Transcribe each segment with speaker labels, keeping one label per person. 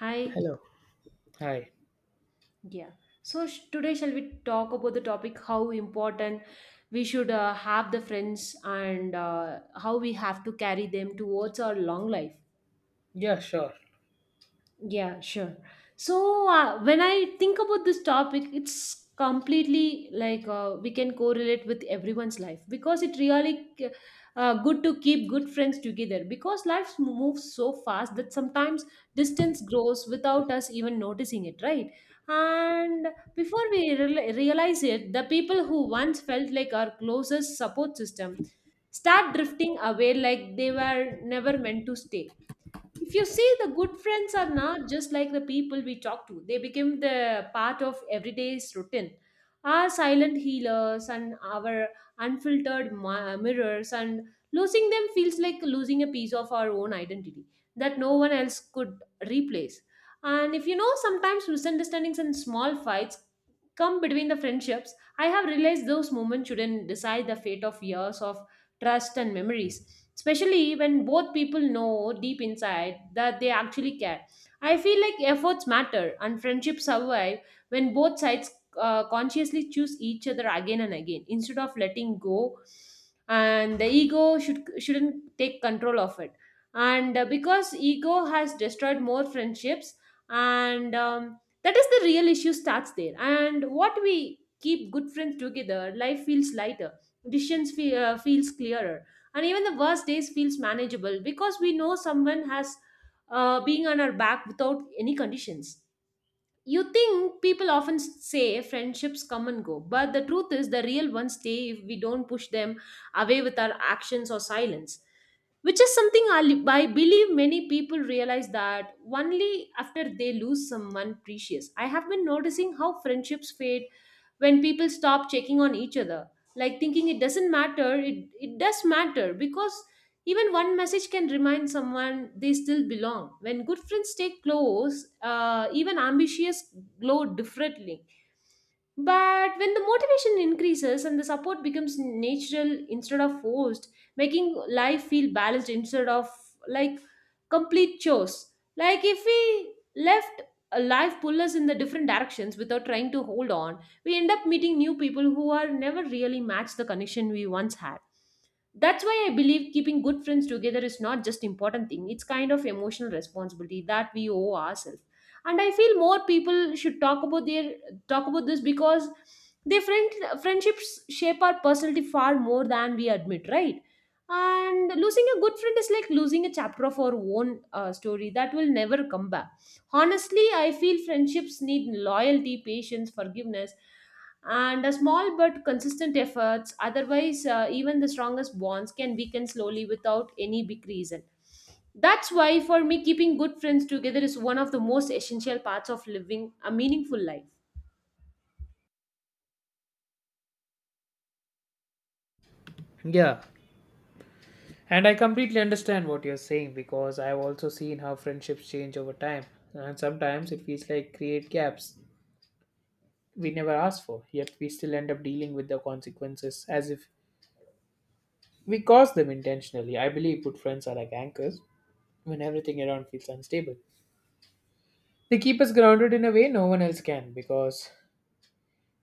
Speaker 1: Hi.
Speaker 2: Hello. Hi.
Speaker 1: Yeah. So today shall we talk about the topic how important we should have the friends and how we have to carry them towards our long life?
Speaker 2: Yeah, sure.
Speaker 1: Yeah, sure. So when I think about this topic, it's completely like we can correlate with everyone's life because it really good to keep good friends together because life moves so fast that sometimes distance grows without us even noticing it, right? And before we realize it, the people who once felt like our closest support system start drifting away like they were never meant to stay. If you see, the good friends are not just like the people we talk to, they become the part of everyday's routine. Our silent healers and our unfiltered mirrors, and losing them feels like losing a piece of our own identity that no one else could replace. And if you know, sometimes misunderstandings and small fights come between the friendships. I have realized those moments shouldn't decide the fate of years of trust and memories, especially when both people know deep inside that they actually care. I feel like efforts matter and friendships survive when both sides consciously choose each other again and again instead of letting go, and the ego shouldn't take control of it, and because ego has destroyed more friendships. And that is the real issue starts there. And what we keep good friends together, life feels lighter, decisions feels clearer, and even the worst days feels manageable because we know someone has being on our back without any conditions. You think people often say friendships come and go, but the truth is the real ones stay if we don't push them away with our actions or silence. Which is something I believe many people realize that only after they lose someone precious. I have been noticing how friendships fade when people stop checking on each other, like thinking it doesn't matter. It does matter because even one message can remind someone they still belong. When good friends stay close, even ambitious glow differently. But when the motivation increases and the support becomes natural instead of forced, making life feel balanced instead of like complete chores. Like, if we left a life pull us in the different directions without trying to hold on, we end up meeting new people who are never really match the connection we once had. That's why I believe keeping good friends together is not just important thing. It's kind of emotional responsibility that we owe ourselves. And I feel more people should talk about this because the friendships shape our personality far more than we admit, right? And losing a good friend is like losing a chapter of our own story that will never come back. Honestly, I feel friendships need loyalty, patience, forgiveness, and a small but consistent efforts. Otherwise, even the strongest bonds can weaken slowly without any big reason. That's why, for me, keeping good friends together is one of the most essential parts of living a meaningful life.
Speaker 2: Yeah. And I completely understand what you're saying because I've also seen how friendships change over time. And sometimes it feels like create gaps we never asked for, yet we still end up dealing with the consequences as if we caused them intentionally. I believe good friends are like anchors when everything around feels unstable. They keep us grounded in a way no one else can because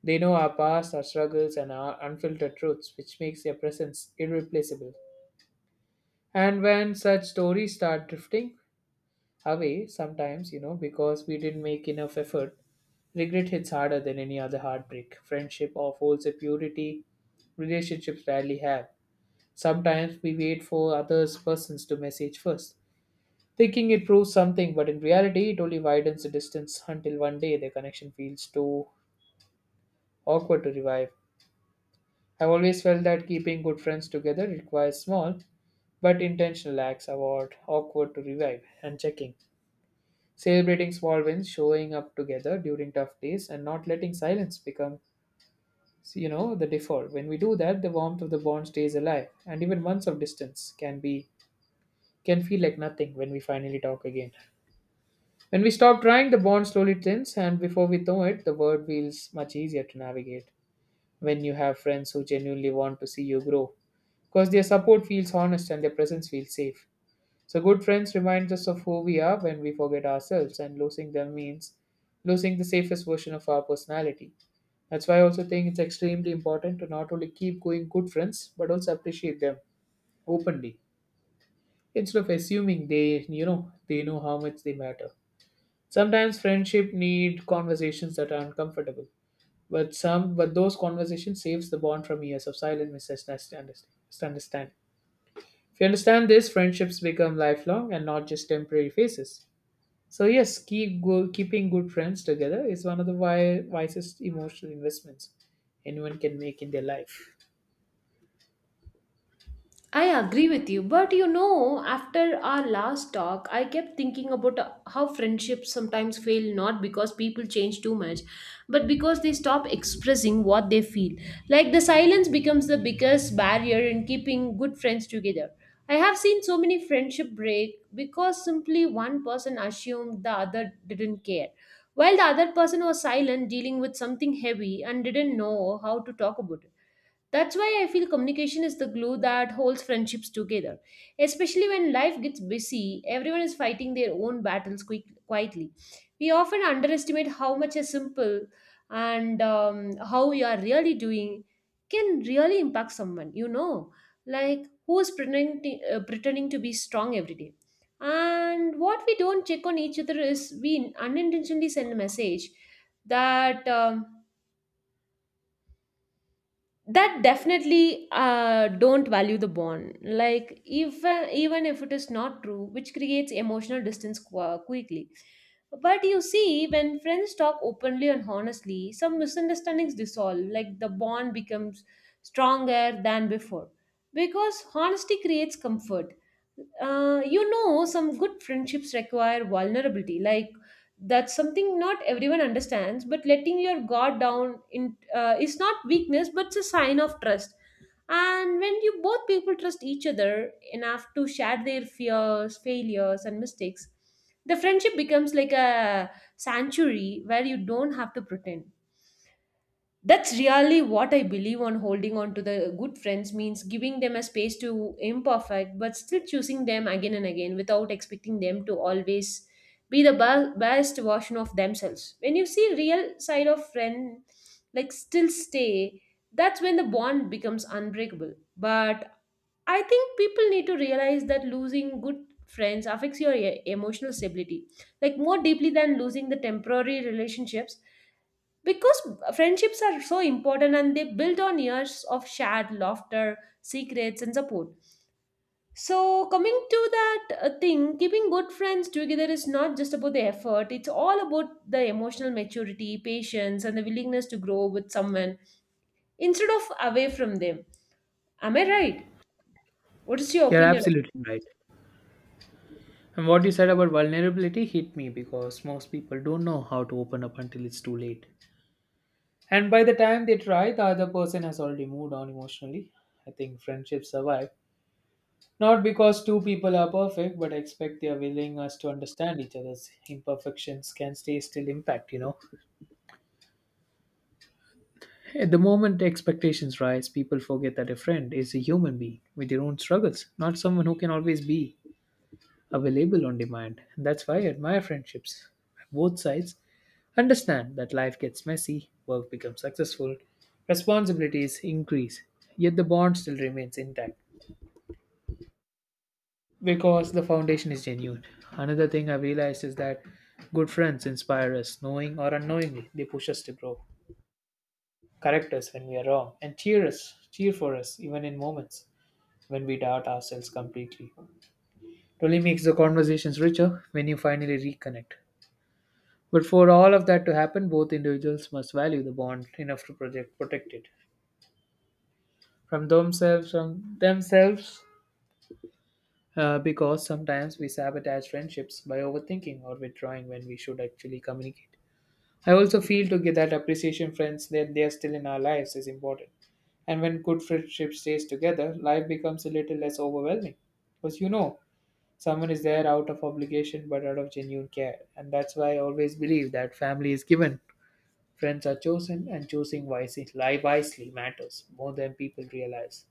Speaker 2: they know our past, our struggles, and our unfiltered truths, which makes their presence irreplaceable. And when such stories start drifting away, sometimes, because we didn't make enough effort, regret hits harder than any other heartbreak. Friendship of holds a purity relationships rarely have. Sometimes we wait for others persons to message first, thinking it proves something, but in reality it only widens the distance until one day the connection feels too awkward to revive. I've always felt that keeping good friends together requires small but intentional acts about awkward to revive and checking. Celebrating small wins, showing up together during tough days, and not letting silence become the default. When we do that, the warmth of the bond stays alive, and even months of distance can feel like nothing when we finally talk again. When we stop trying, the bond slowly thins, and before we know it, the world feels much easier to navigate. When you have friends who genuinely want to see you grow, because their support feels honest and their presence feels safe. So, good friends remind us of who we are when we forget ourselves, and losing them means losing the safest version of our personality. That's why I also think it's extremely important to not only keep going good friends, but also appreciate them openly instead of assuming they, they know how much they matter. Sometimes friendship need conversations that are uncomfortable, but those conversations saves the bond from years of silent misunderstanding. If you understand this, friendships become lifelong and not just temporary phases. So yes, keeping good friends together is one of the wisest emotional investments anyone can make in their life.
Speaker 1: I agree with you, but you know, after our last talk, I kept thinking about how friendships sometimes fail not because people change too much, but because they stop expressing what they feel. Like, the silence becomes the biggest barrier in keeping good friends together. I have seen so many friendship break because simply one person assumed the other didn't care, while the other person was silent, dealing with something heavy and didn't know how to talk about it. That's why I feel communication is the glue that holds friendships together. Especially when life gets busy, everyone is fighting their own battles quietly. We often underestimate how much a simple and how you are really doing can really impact someone, like who is pretending to be strong every day. And what we don't check on each other is we unintentionally send a message that. That definitely don't value the bond like even if it is not true, which creates emotional distance quickly. But you see, when friends talk openly and honestly, some misunderstandings dissolve, like the bond becomes stronger than before because honesty creates comfort. Some good friendships require vulnerability. Like, that's something not everyone understands. But letting your guard down in is not weakness, but it's a sign of trust. And when you both people trust each other enough to share their fears, failures, and mistakes, the friendship becomes like a sanctuary where you don't have to pretend. That's really what I believe on holding on to the good friends means giving them a space to imperfect but still choosing them again and again without expecting them to always be the best version of themselves. When you see real side of friend, like, still stay, that's when the bond becomes unbreakable. But I think people need to realize that losing good friends affects your emotional stability, like, more deeply than losing the temporary relationships because friendships are so important and they build on years of shared laughter, secrets, and support. So coming to that thing, keeping good friends together is not just about the effort, it's all about the emotional maturity, patience, and the willingness to grow with someone instead of away from them. Am I right? What is your
Speaker 2: You're
Speaker 1: opinion?
Speaker 2: absolutely right. And what you said about vulnerability hit me because most people don't know how to open up until it's too late. And by the time they try, the other person has already moved on emotionally. I think friendships survive not because two people are perfect, but I expect their willingness to understand each other's imperfections can stay still impact. At the moment expectations rise, people forget that a friend is a human being with their own struggles, not someone who can always be available on demand. That's why I admire friendships. Both sides understand that life gets messy, work becomes successful, responsibilities increase, yet the bond still remains intact because the foundation is genuine. Another thing I've realized is that good friends inspire us, knowing or unknowingly. They push us to grow, correct us when we are wrong, and cheer for us even in moments when we doubt ourselves completely. It only makes the conversations richer when you finally reconnect. But for all of that to happen, both individuals must value the bond enough to protect it from themselves, because sometimes we sabotage friendships by overthinking or withdrawing when we should actually communicate. I also feel to get that appreciation, friends, that they are still in our lives is important. And when good friendship stays together, life becomes a little less overwhelming. Because you know, Someone is there out of obligation but out of genuine care. And that's why I always believe that family is given, friends are chosen, and choosing wisely matters more than people realize.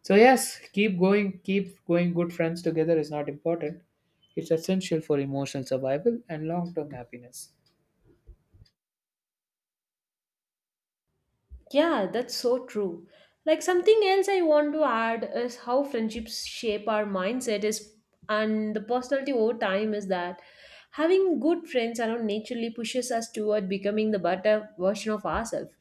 Speaker 2: So, yes, Keep going. Good friends together is not important, it's essential for emotional survival and long term happiness.
Speaker 1: Yeah, that's so true. Like, something else I want to add is how friendships shape our mindset is and the personality over time is that having good friends around naturally pushes us toward becoming the better version of ourselves.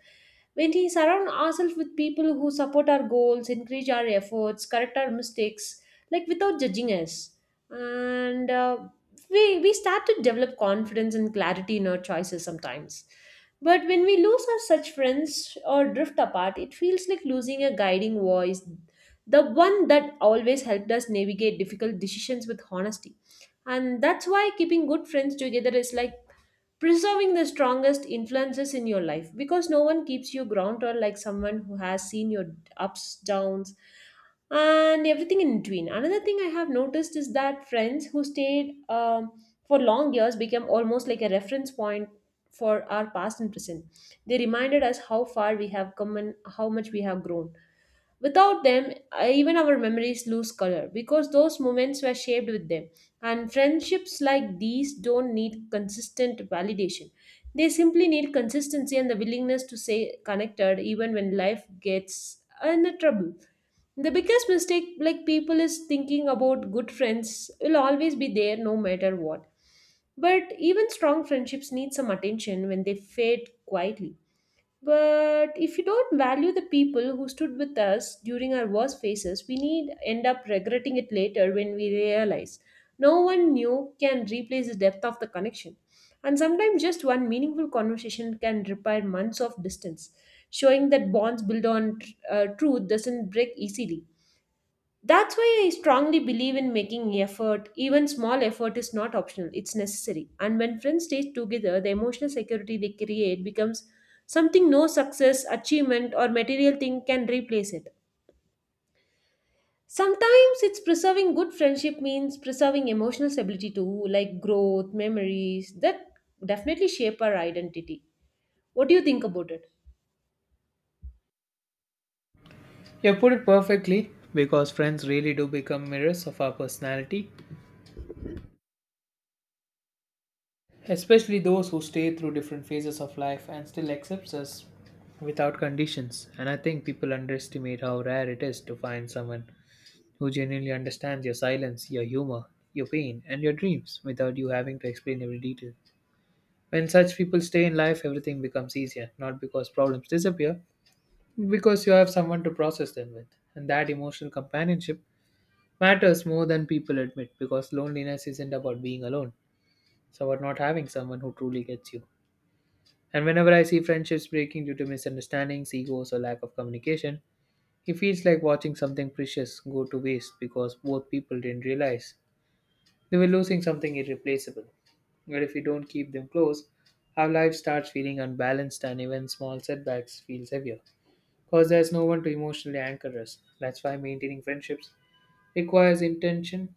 Speaker 1: When we surround ourselves with people who support our goals, encourage our efforts, correct our mistakes, like without judging us, and we start to develop confidence and clarity in our choices sometimes. But when we lose our such friends or drift apart, it feels like losing a guiding voice, the one that always helped us navigate difficult decisions with honesty. And that's why keeping good friends together is like preserving the strongest influences in your life because no one keeps you grounded like someone who has seen your ups, downs, and everything in between. Another thing I have noticed is that friends who stayed for long years became almost like a reference point for our past and present. They reminded us how far we have come and how much we have grown. Without them, even our memories lose color because those moments were shaped with them. And friendships like these don't need consistent validation. They simply need consistency and the willingness to stay connected even when life gets in a trouble. The biggest mistake like people is thinking about good friends will always be there no matter what. But even strong friendships need some attention when they fade quietly. But if you don't value the people who stood with us during our worst phases, we need end up regretting it later when we realize no one new can replace the depth of the connection. And sometimes just one meaningful conversation can repair months of distance, showing that bonds built on truth doesn't break easily. That's why I strongly believe in making effort. Even small effort is not optional, it's necessary. And when friends stay together, the emotional security they create becomes something no success, achievement, or material thing can replace it. Sometimes it's preserving good friendship means preserving emotional stability too, like growth, memories that definitely shape our identity. What do you think about it?
Speaker 2: You have put it perfectly because friends really do become mirrors of our personality, especially those who stay through different phases of life and still accepts us without conditions. And I think people underestimate how rare it is to find someone who genuinely understands your silence, your humor, your pain, and your dreams without you having to explain every detail. When such people stay in life, everything becomes easier, not because problems disappear, because you have someone to process them with. And that emotional companionship matters more than people admit, because loneliness isn't about being alone, it's about not having someone who truly gets you. And whenever I see friendships breaking due to misunderstandings, egos, or lack of communication, it feels like watching something precious go to waste because both people didn't realize they were losing something irreplaceable. But if we don't keep them close, our life starts feeling unbalanced and even small setbacks feels heavier. Because there's no one to emotionally anchor us. That's why maintaining friendships requires intention,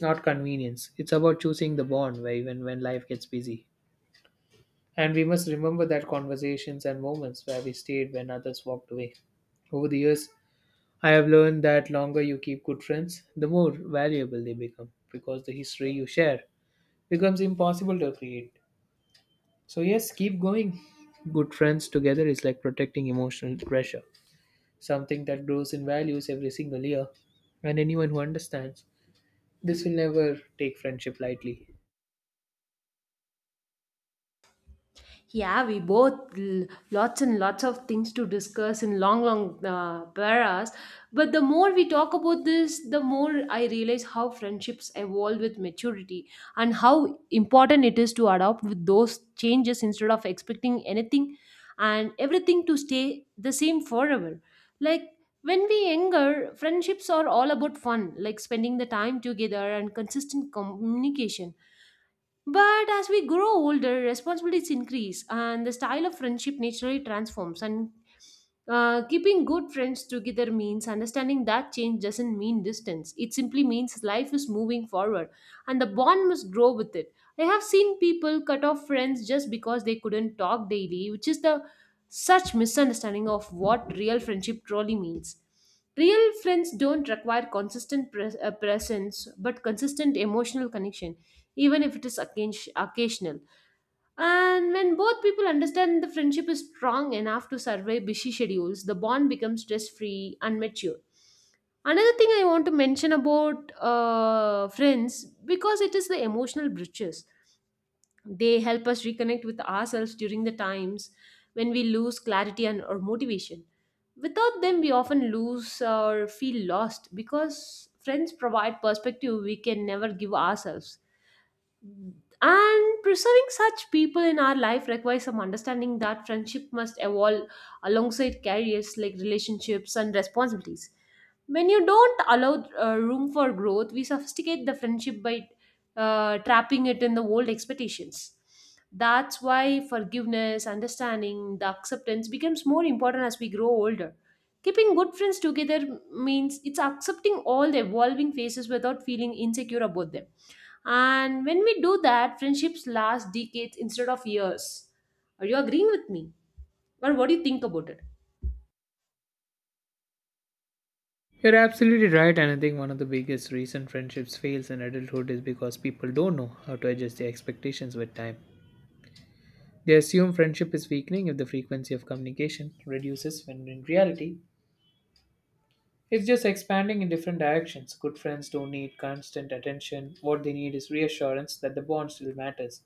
Speaker 2: not convenience. It's about choosing the bond where even when life gets busy, and we must remember that conversations and moments where we stayed when others walked away. Over the years, I have learned that longer you keep good friends, the more valuable they become because the history you share becomes impossible to create. So, yes, keep going. Good friends together is like protecting emotional treasure, something that grows in values every single year. And anyone who understands this will never take friendship lightly.
Speaker 1: Yeah, we both lots and lots of things to discuss in long, long paras. But the more we talk about this, the more I realize how friendships evolve with maturity and how important it is to adopt with those changes instead of expecting anything and everything to stay the same forever. Like, when we younger, friendships are all about fun, like spending the time together and consistent communication. But as we grow older, responsibilities increase and the style of friendship naturally transforms. And keeping good friends together means understanding that change doesn't mean distance. It simply means life is moving forward and the bond must grow with it. I have seen people cut off friends just because they couldn't talk daily, which is the such misunderstanding of what real friendship truly means. Real friends don't require consistent presence but consistent emotional connection, even if it is occasional. And when both people understand the friendship is strong enough to survive busy schedules, the bond becomes stress free and mature. Another thing I want to mention about friends because it is the emotional bridges. They help us reconnect with ourselves during the times when we lose clarity and or motivation. Without them, we often lose or feel lost because friends provide perspective we can never give ourselves, and preserving such people in our life requires some understanding that friendship must evolve alongside careers like relationships and responsibilities. When you don't allow room for growth, we sophisticate the friendship by trapping it in the old expectations. That's why forgiveness, understanding, the acceptance becomes more important as we grow older. Keeping good friends together means it's accepting all the evolving phases without feeling insecure about them, and when we do that, friendships last decades instead of years. Are you agreeing with me? Or what do you think about it?
Speaker 2: You're absolutely right, and I think one of the biggest reason friendships fails in adulthood is because people don't know how to adjust their expectations with time. They assume friendship is weakening if the frequency of communication reduces, when in reality, it's just expanding in different directions. Good friends don't need constant attention. What they need is reassurance that the bond still matters,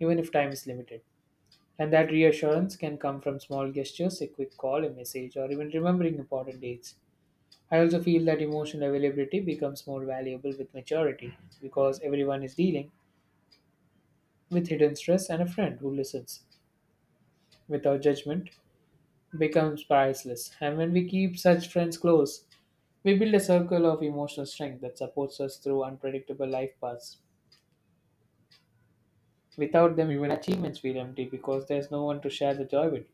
Speaker 2: even if time is limited. And that reassurance can come from small gestures, a quick call, a message, or even remembering important dates. I also feel that emotional availability becomes more valuable with maturity because everyone is dealing with hidden stress and a friend who listens without judgment becomes priceless. And when we keep such friends close, we build a circle of emotional strength that supports us through unpredictable life paths. Without them, even achievements feel empty because there's no one to share the joy with.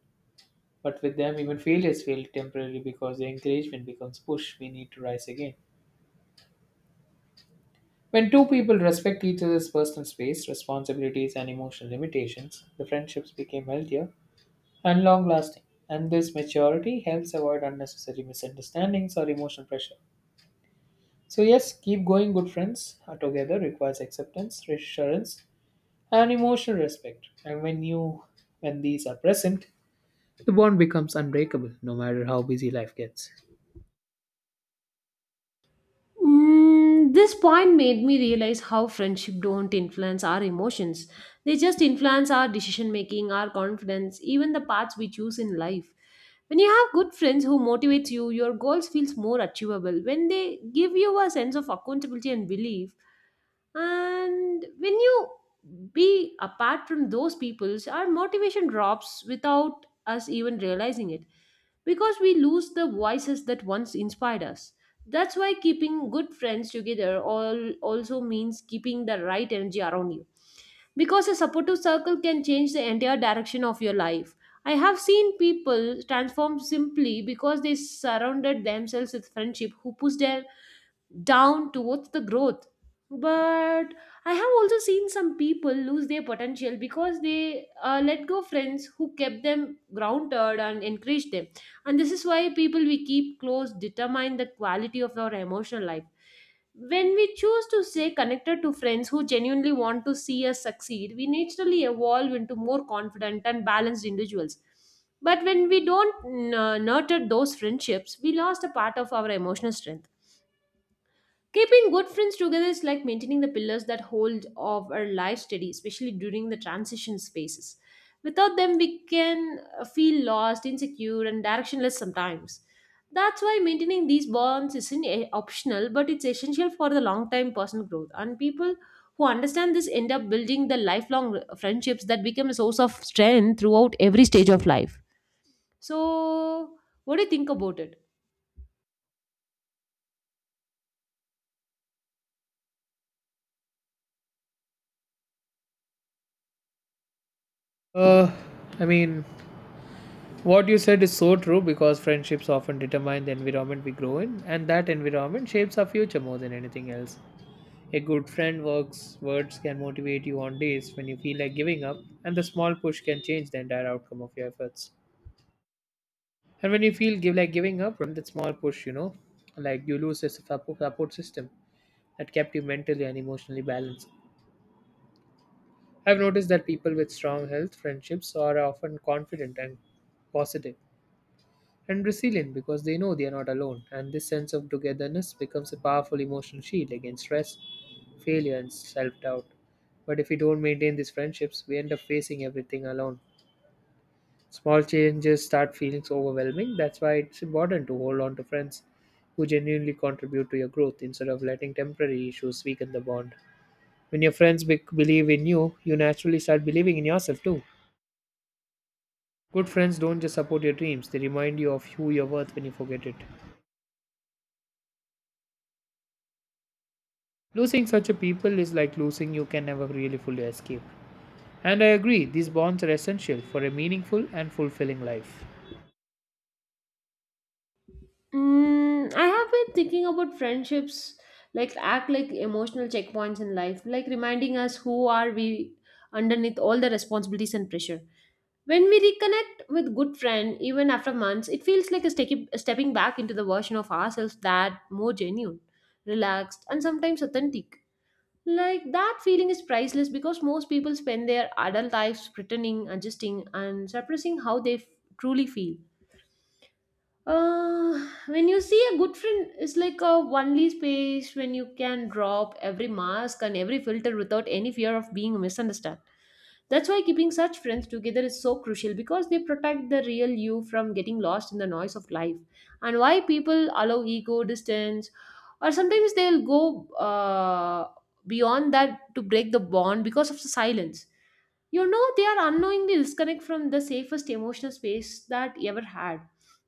Speaker 2: But with them, even failures feel temporary because the encouragement becomes push we need to rise again. When two people respect each other's personal space, responsibilities, and emotional limitations, the friendships become healthier and long lasting. And this maturity helps avoid unnecessary misunderstandings or emotional pressure. So, yes, keep going, good friends. Are Together requires acceptance, reassurance, and emotional respect. And when these are present, the bond becomes unbreakable no matter how busy life gets.
Speaker 1: Mm, this point made me realize how friendship don't influence our emotions. They just influence our decision making, our confidence, even the paths we choose in life. When you have good friends who motivates you, your goals feels more achievable. When they give you a sense of accountability and belief, and when you be apart from those peoples, our motivation drops without us even realizing it because we lose the voices that once inspired us. That's why keeping good friends together all also means keeping the right energy around you, because a supportive circle can change the entire direction of your life. I have seen people transform simply because they surrounded themselves with friendship who push them down towards the growth. But I have also seen some people lose their potential because they let go friends who kept them grounded and encouraged them. And this is why people we keep close determine the quality of our emotional life. When we choose to stay connected to friends who genuinely want to see us succeed, we naturally evolve into more confident and balanced individuals. But when we don't nurture those friendships, we lost a part of our emotional strength. Keeping good friends together is like maintaining the pillars that hold of our life steady, especially during the transition spaces. Without them, we can feel lost, insecure, and directionless sometimes. That's why maintaining these bonds isn't optional, but it's essential for the long time personal growth. And people who understand this end up building the lifelong friendships that become a source of strength throughout every stage of life. So, what do you think about it?
Speaker 2: Uh I mean, what you said is so true because friendships often determine the environment we grow in, and that environment shapes our future more than anything else. A good friend works words can motivate you on days when you feel like giving up, and the small push can change the entire outcome of your efforts. And when you feel give like giving up, remember that small push, like you lose a support system that kept you mentally and emotionally balanced. I've noticed that people with strong health friendships are often confident and positive and resilient because they know they are not alone. And this sense of togetherness becomes a powerful emotional shield against stress, failure, and self doubt. But if we don't maintain these friendships, we end up facing everything alone. Small changes start feeling overwhelming. That's why it's important to hold on to friends who genuinely contribute to your growth instead of letting temporary issues weaken the bond. When your friends believe in you, you naturally start believing in yourself too. Good friends don't just support your dreams, they remind you of who you're worth when you forget it. Losing such a people is like losing you can never really fully escape. And I agree, these bonds are essential for a meaningful and fulfilling life.
Speaker 1: Mm, I have been thinking about friendships like act like emotional checkpoints in life, like reminding us who are we underneath all the responsibilities and pressure. When we reconnect with good friend, even after months, it feels like a stepping back into the version of ourselves that more genuine, relaxed, and sometimes authentic. Like that feeling is priceless because most people spend their adult lives pretending, adjusting, and suppressing how they truly feel. When you see a good friend, it's like a only space when you can drop every mask and every filter without any fear of being misunderstood. That's why keeping such friends together is so crucial because they protect the real you from getting lost in the noise of life. And why people allow ego, distance, or sometimes they'll go beyond that to break the bond because of the silence. You know, they are unknowingly disconnect from the safest emotional space that you ever had.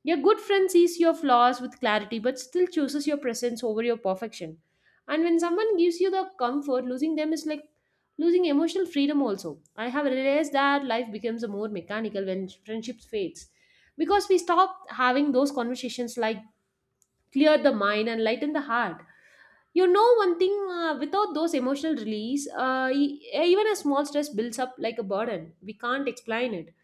Speaker 1: Your good friend sees your flaws with clarity but still chooses your presence over your perfection. And when someone gives you the comfort, losing them is like losing emotional freedom also. I have realized that life becomes more mechanical when friendships fades because we stop having those conversations like clear the mind and lighten the heart. You know one thing, without those emotional release, even a small stress builds up like a burden we can't explain it.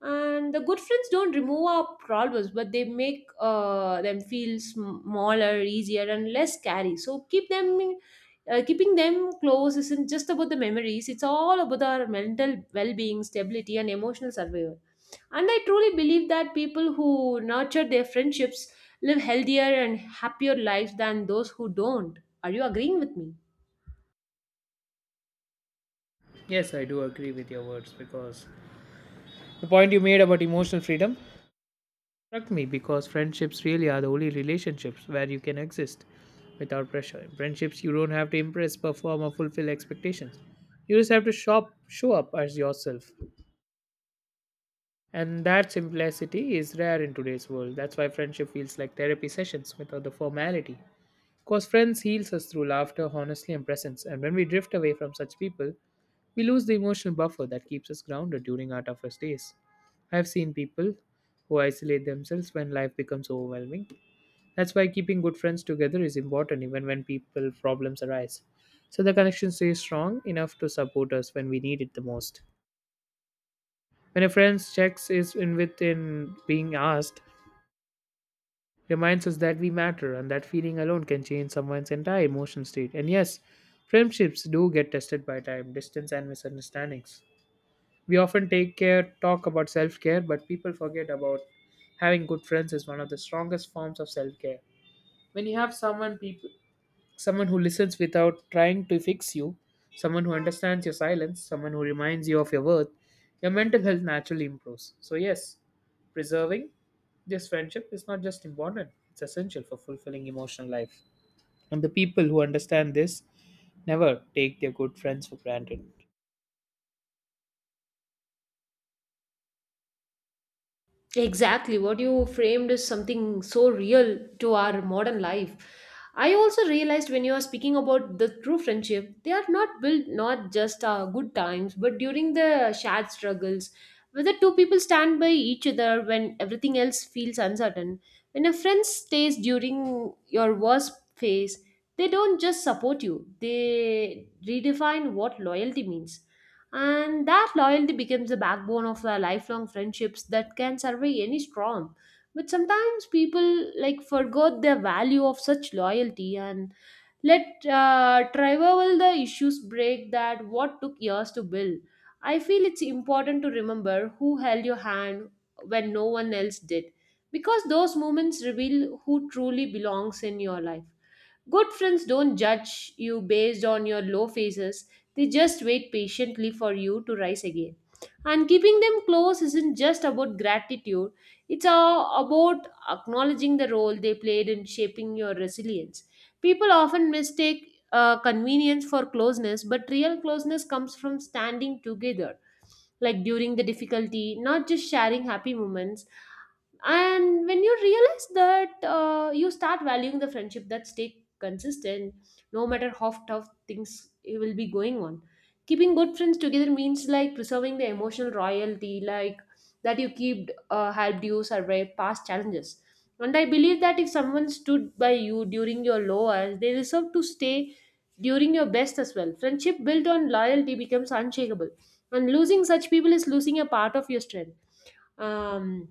Speaker 1: And the good friends don't remove our problems, but they make them feel smaller, easier, and less scary. So keeping them close isn't just about the memories, it's all about our mental well-being, stability, and emotional survival. And I truly believe that people who nurture their friendships live healthier and happier lives than those who don't. Are you agreeing with me?
Speaker 2: Yes, I do agree with your words because the point you made about emotional freedom struck me because friendships really are the only relationships where you can exist without pressure. In friendships, you don't have to impress, perform, or fulfill expectations. You just have to show up as yourself. And that simplicity is rare in today's world. That's why friendship feels like therapy sessions without the formality. Because friends heals us through laughter, honesty, and presence, and when we drift away from such people, we lose the emotional buffer that keeps us grounded during our toughest days. I have seen people who isolate themselves when life becomes overwhelming. That's why keeping good friends together is important even when people problems arise. So the connection stays strong enough to support us when we need it the most. When a friend checks is in within being asked, reminds us that we matter and that feeling alone can change someone's entire emotion state. And yes, friendships do get tested by time, distance, and misunderstandings. We often take care, talk about self care, but people forget about having good friends is one of the strongest forms of self care. When you have someone who listens without trying to fix you, someone who understands your silence, someone who reminds you of your worth, your mental health naturally improves. So, yes, preserving this friendship is not just important, it's essential for fulfilling emotional life. And the people who understand this never take their good friends for granted.
Speaker 1: Exactly. What you framed is something so real to our modern life. I also realized when you are speaking about the true friendship, they are not built not just good times, but during the shared struggles. Whether two people stand by each other when everything else feels uncertain, when a friend stays during your worst phase, they don't just support you, they redefine what loyalty means. And that loyalty becomes the backbone of the lifelong friendships that can survive any storm. But sometimes people like forgot the value of such loyalty and let travel the issues break that what took years to build. I feel it's important to remember who held your hand when no one else did, because those moments reveal who truly belongs in your life. Good friends don't judge you based on your low phases, they just wait patiently for you to rise again. And keeping them close isn't just about gratitude, it's about acknowledging the role they played in shaping your resilience. People often mistake convenience for closeness, but real closeness comes from standing together, like during the difficulty, not just sharing happy moments. And when you realize that, you start valuing the friendship that stay consistent no matter how tough things will be going on. Keeping good friends together means like preserving the emotional royalty, like that you keep helped you survive past challenges. And I believe that if someone stood by you during your lowest, they deserve to stay during your best as well. Friendship built on loyalty becomes unshakable, and losing such people is losing a part of your strength. um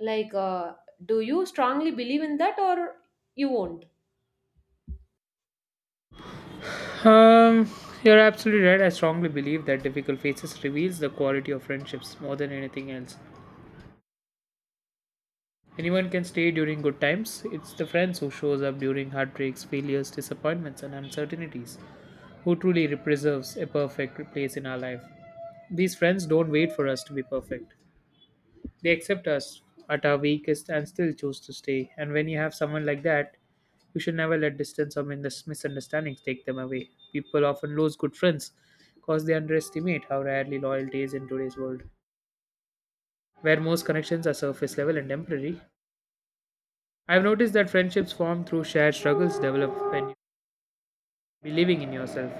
Speaker 1: like, uh, do you strongly believe in that, or you won't?
Speaker 2: Um, you're absolutely right. I strongly believe that difficult phases reveals the quality of friendships more than anything else. Anyone can stay during good times. It's the friends who shows up during heartbreaks, failures, disappointments, and uncertainties who truly preserves a perfect place in our life. These friends don't wait for us to be perfect. They accept us at our weakest and still choose to stay. And when you have someone like that, you should never let distance or misunderstandings take them away. People often lose good friends because they underestimate how rarely loyalty is in today's world, where most connections are surface level and temporary. I've noticed that friendships formed through shared struggles develop when you believing in yourself.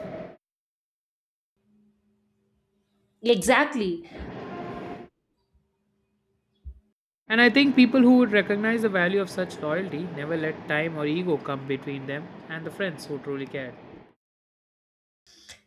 Speaker 1: Exactly.
Speaker 2: And I think people who would recognize the value of such loyalty never let time or ego come between them and the friends who truly cared.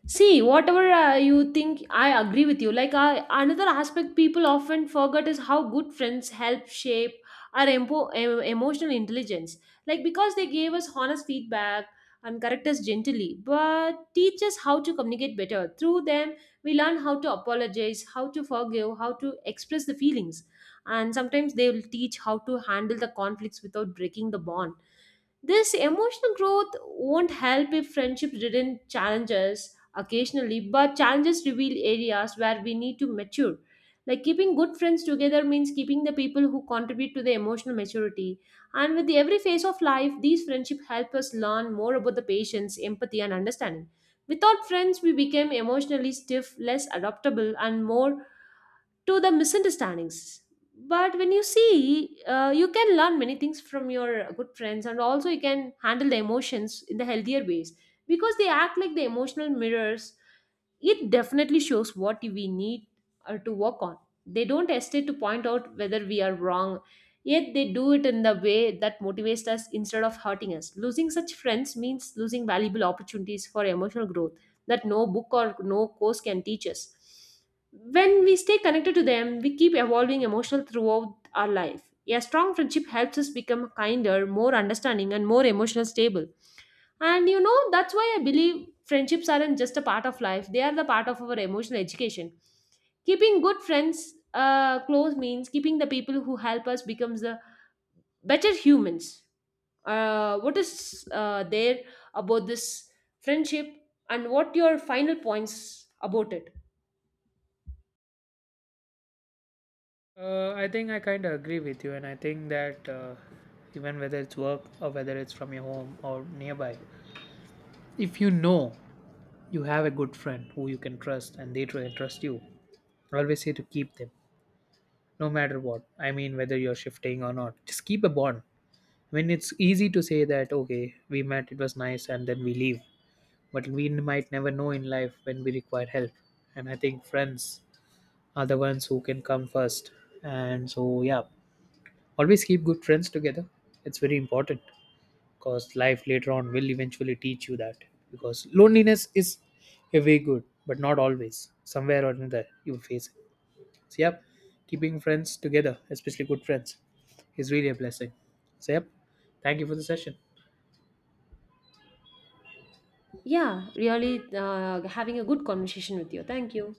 Speaker 1: See, whatever you think, I agree with you. Like another aspect people often forget is how good friends help shape our emotional intelligence. Like because they gave us honest feedback and correct us gently, but teach us how to communicate better. Through them, we learn how to apologize, how to forgive, how to express the feelings, and sometimes they will teach how to handle the conflicts without breaking the bond. This emotional growth won't help if friendships didn't challenge us occasionally, but challenges reveal areas where we need to mature. Like keeping good friends together means keeping the people who contribute to the emotional maturity. And with the every phase of life, these friendships help us learn more about the patience, empathy, and understanding. Without friends, we became emotionally stiff, less adaptable, and more to the misunderstandings. But when you see, you can learn many things from your good friends and also you can handle the emotions in the healthier ways, because they act like the emotional mirrors. It definitely shows what we need to work on. They don't hesitate to point out whether we are wrong, yet they do it in the way that motivates us instead of hurting us. Losing such friends means losing valuable opportunities for emotional growth that no book or no course can teach us. When we stay connected to them, we keep evolving emotional throughout our life. A strong friendship helps us become kinder, more understanding, and more emotional stable. And you know, that's why I believe friendships aren't just a part of life, they are the part of our emotional education. Keeping good friends close means keeping the people who help us becomes the better humans. What is there about this friendship, and what your final points about it?
Speaker 2: I think I kind of agree with you, and I think that even whether it's work or whether it's from your home or nearby, if you know you have a good friend who you can trust and they trust you, always say to keep them no matter what. I mean, whether you're shifting or not, just keep a bond when it's easy to say that okay we met it was nice and then we leave, but we might never know in life when we require help. And I think friends are the ones who can come first. And so yeah, always keep good friends together, it's very important, because life later on will eventually teach you that, because loneliness is a way good but not always, somewhere or another you will face it. So yeah, keeping friends together, especially good friends, is really a blessing. So yep, thank you for the session.
Speaker 1: Yeah, really having a good conversation with you. Thank you.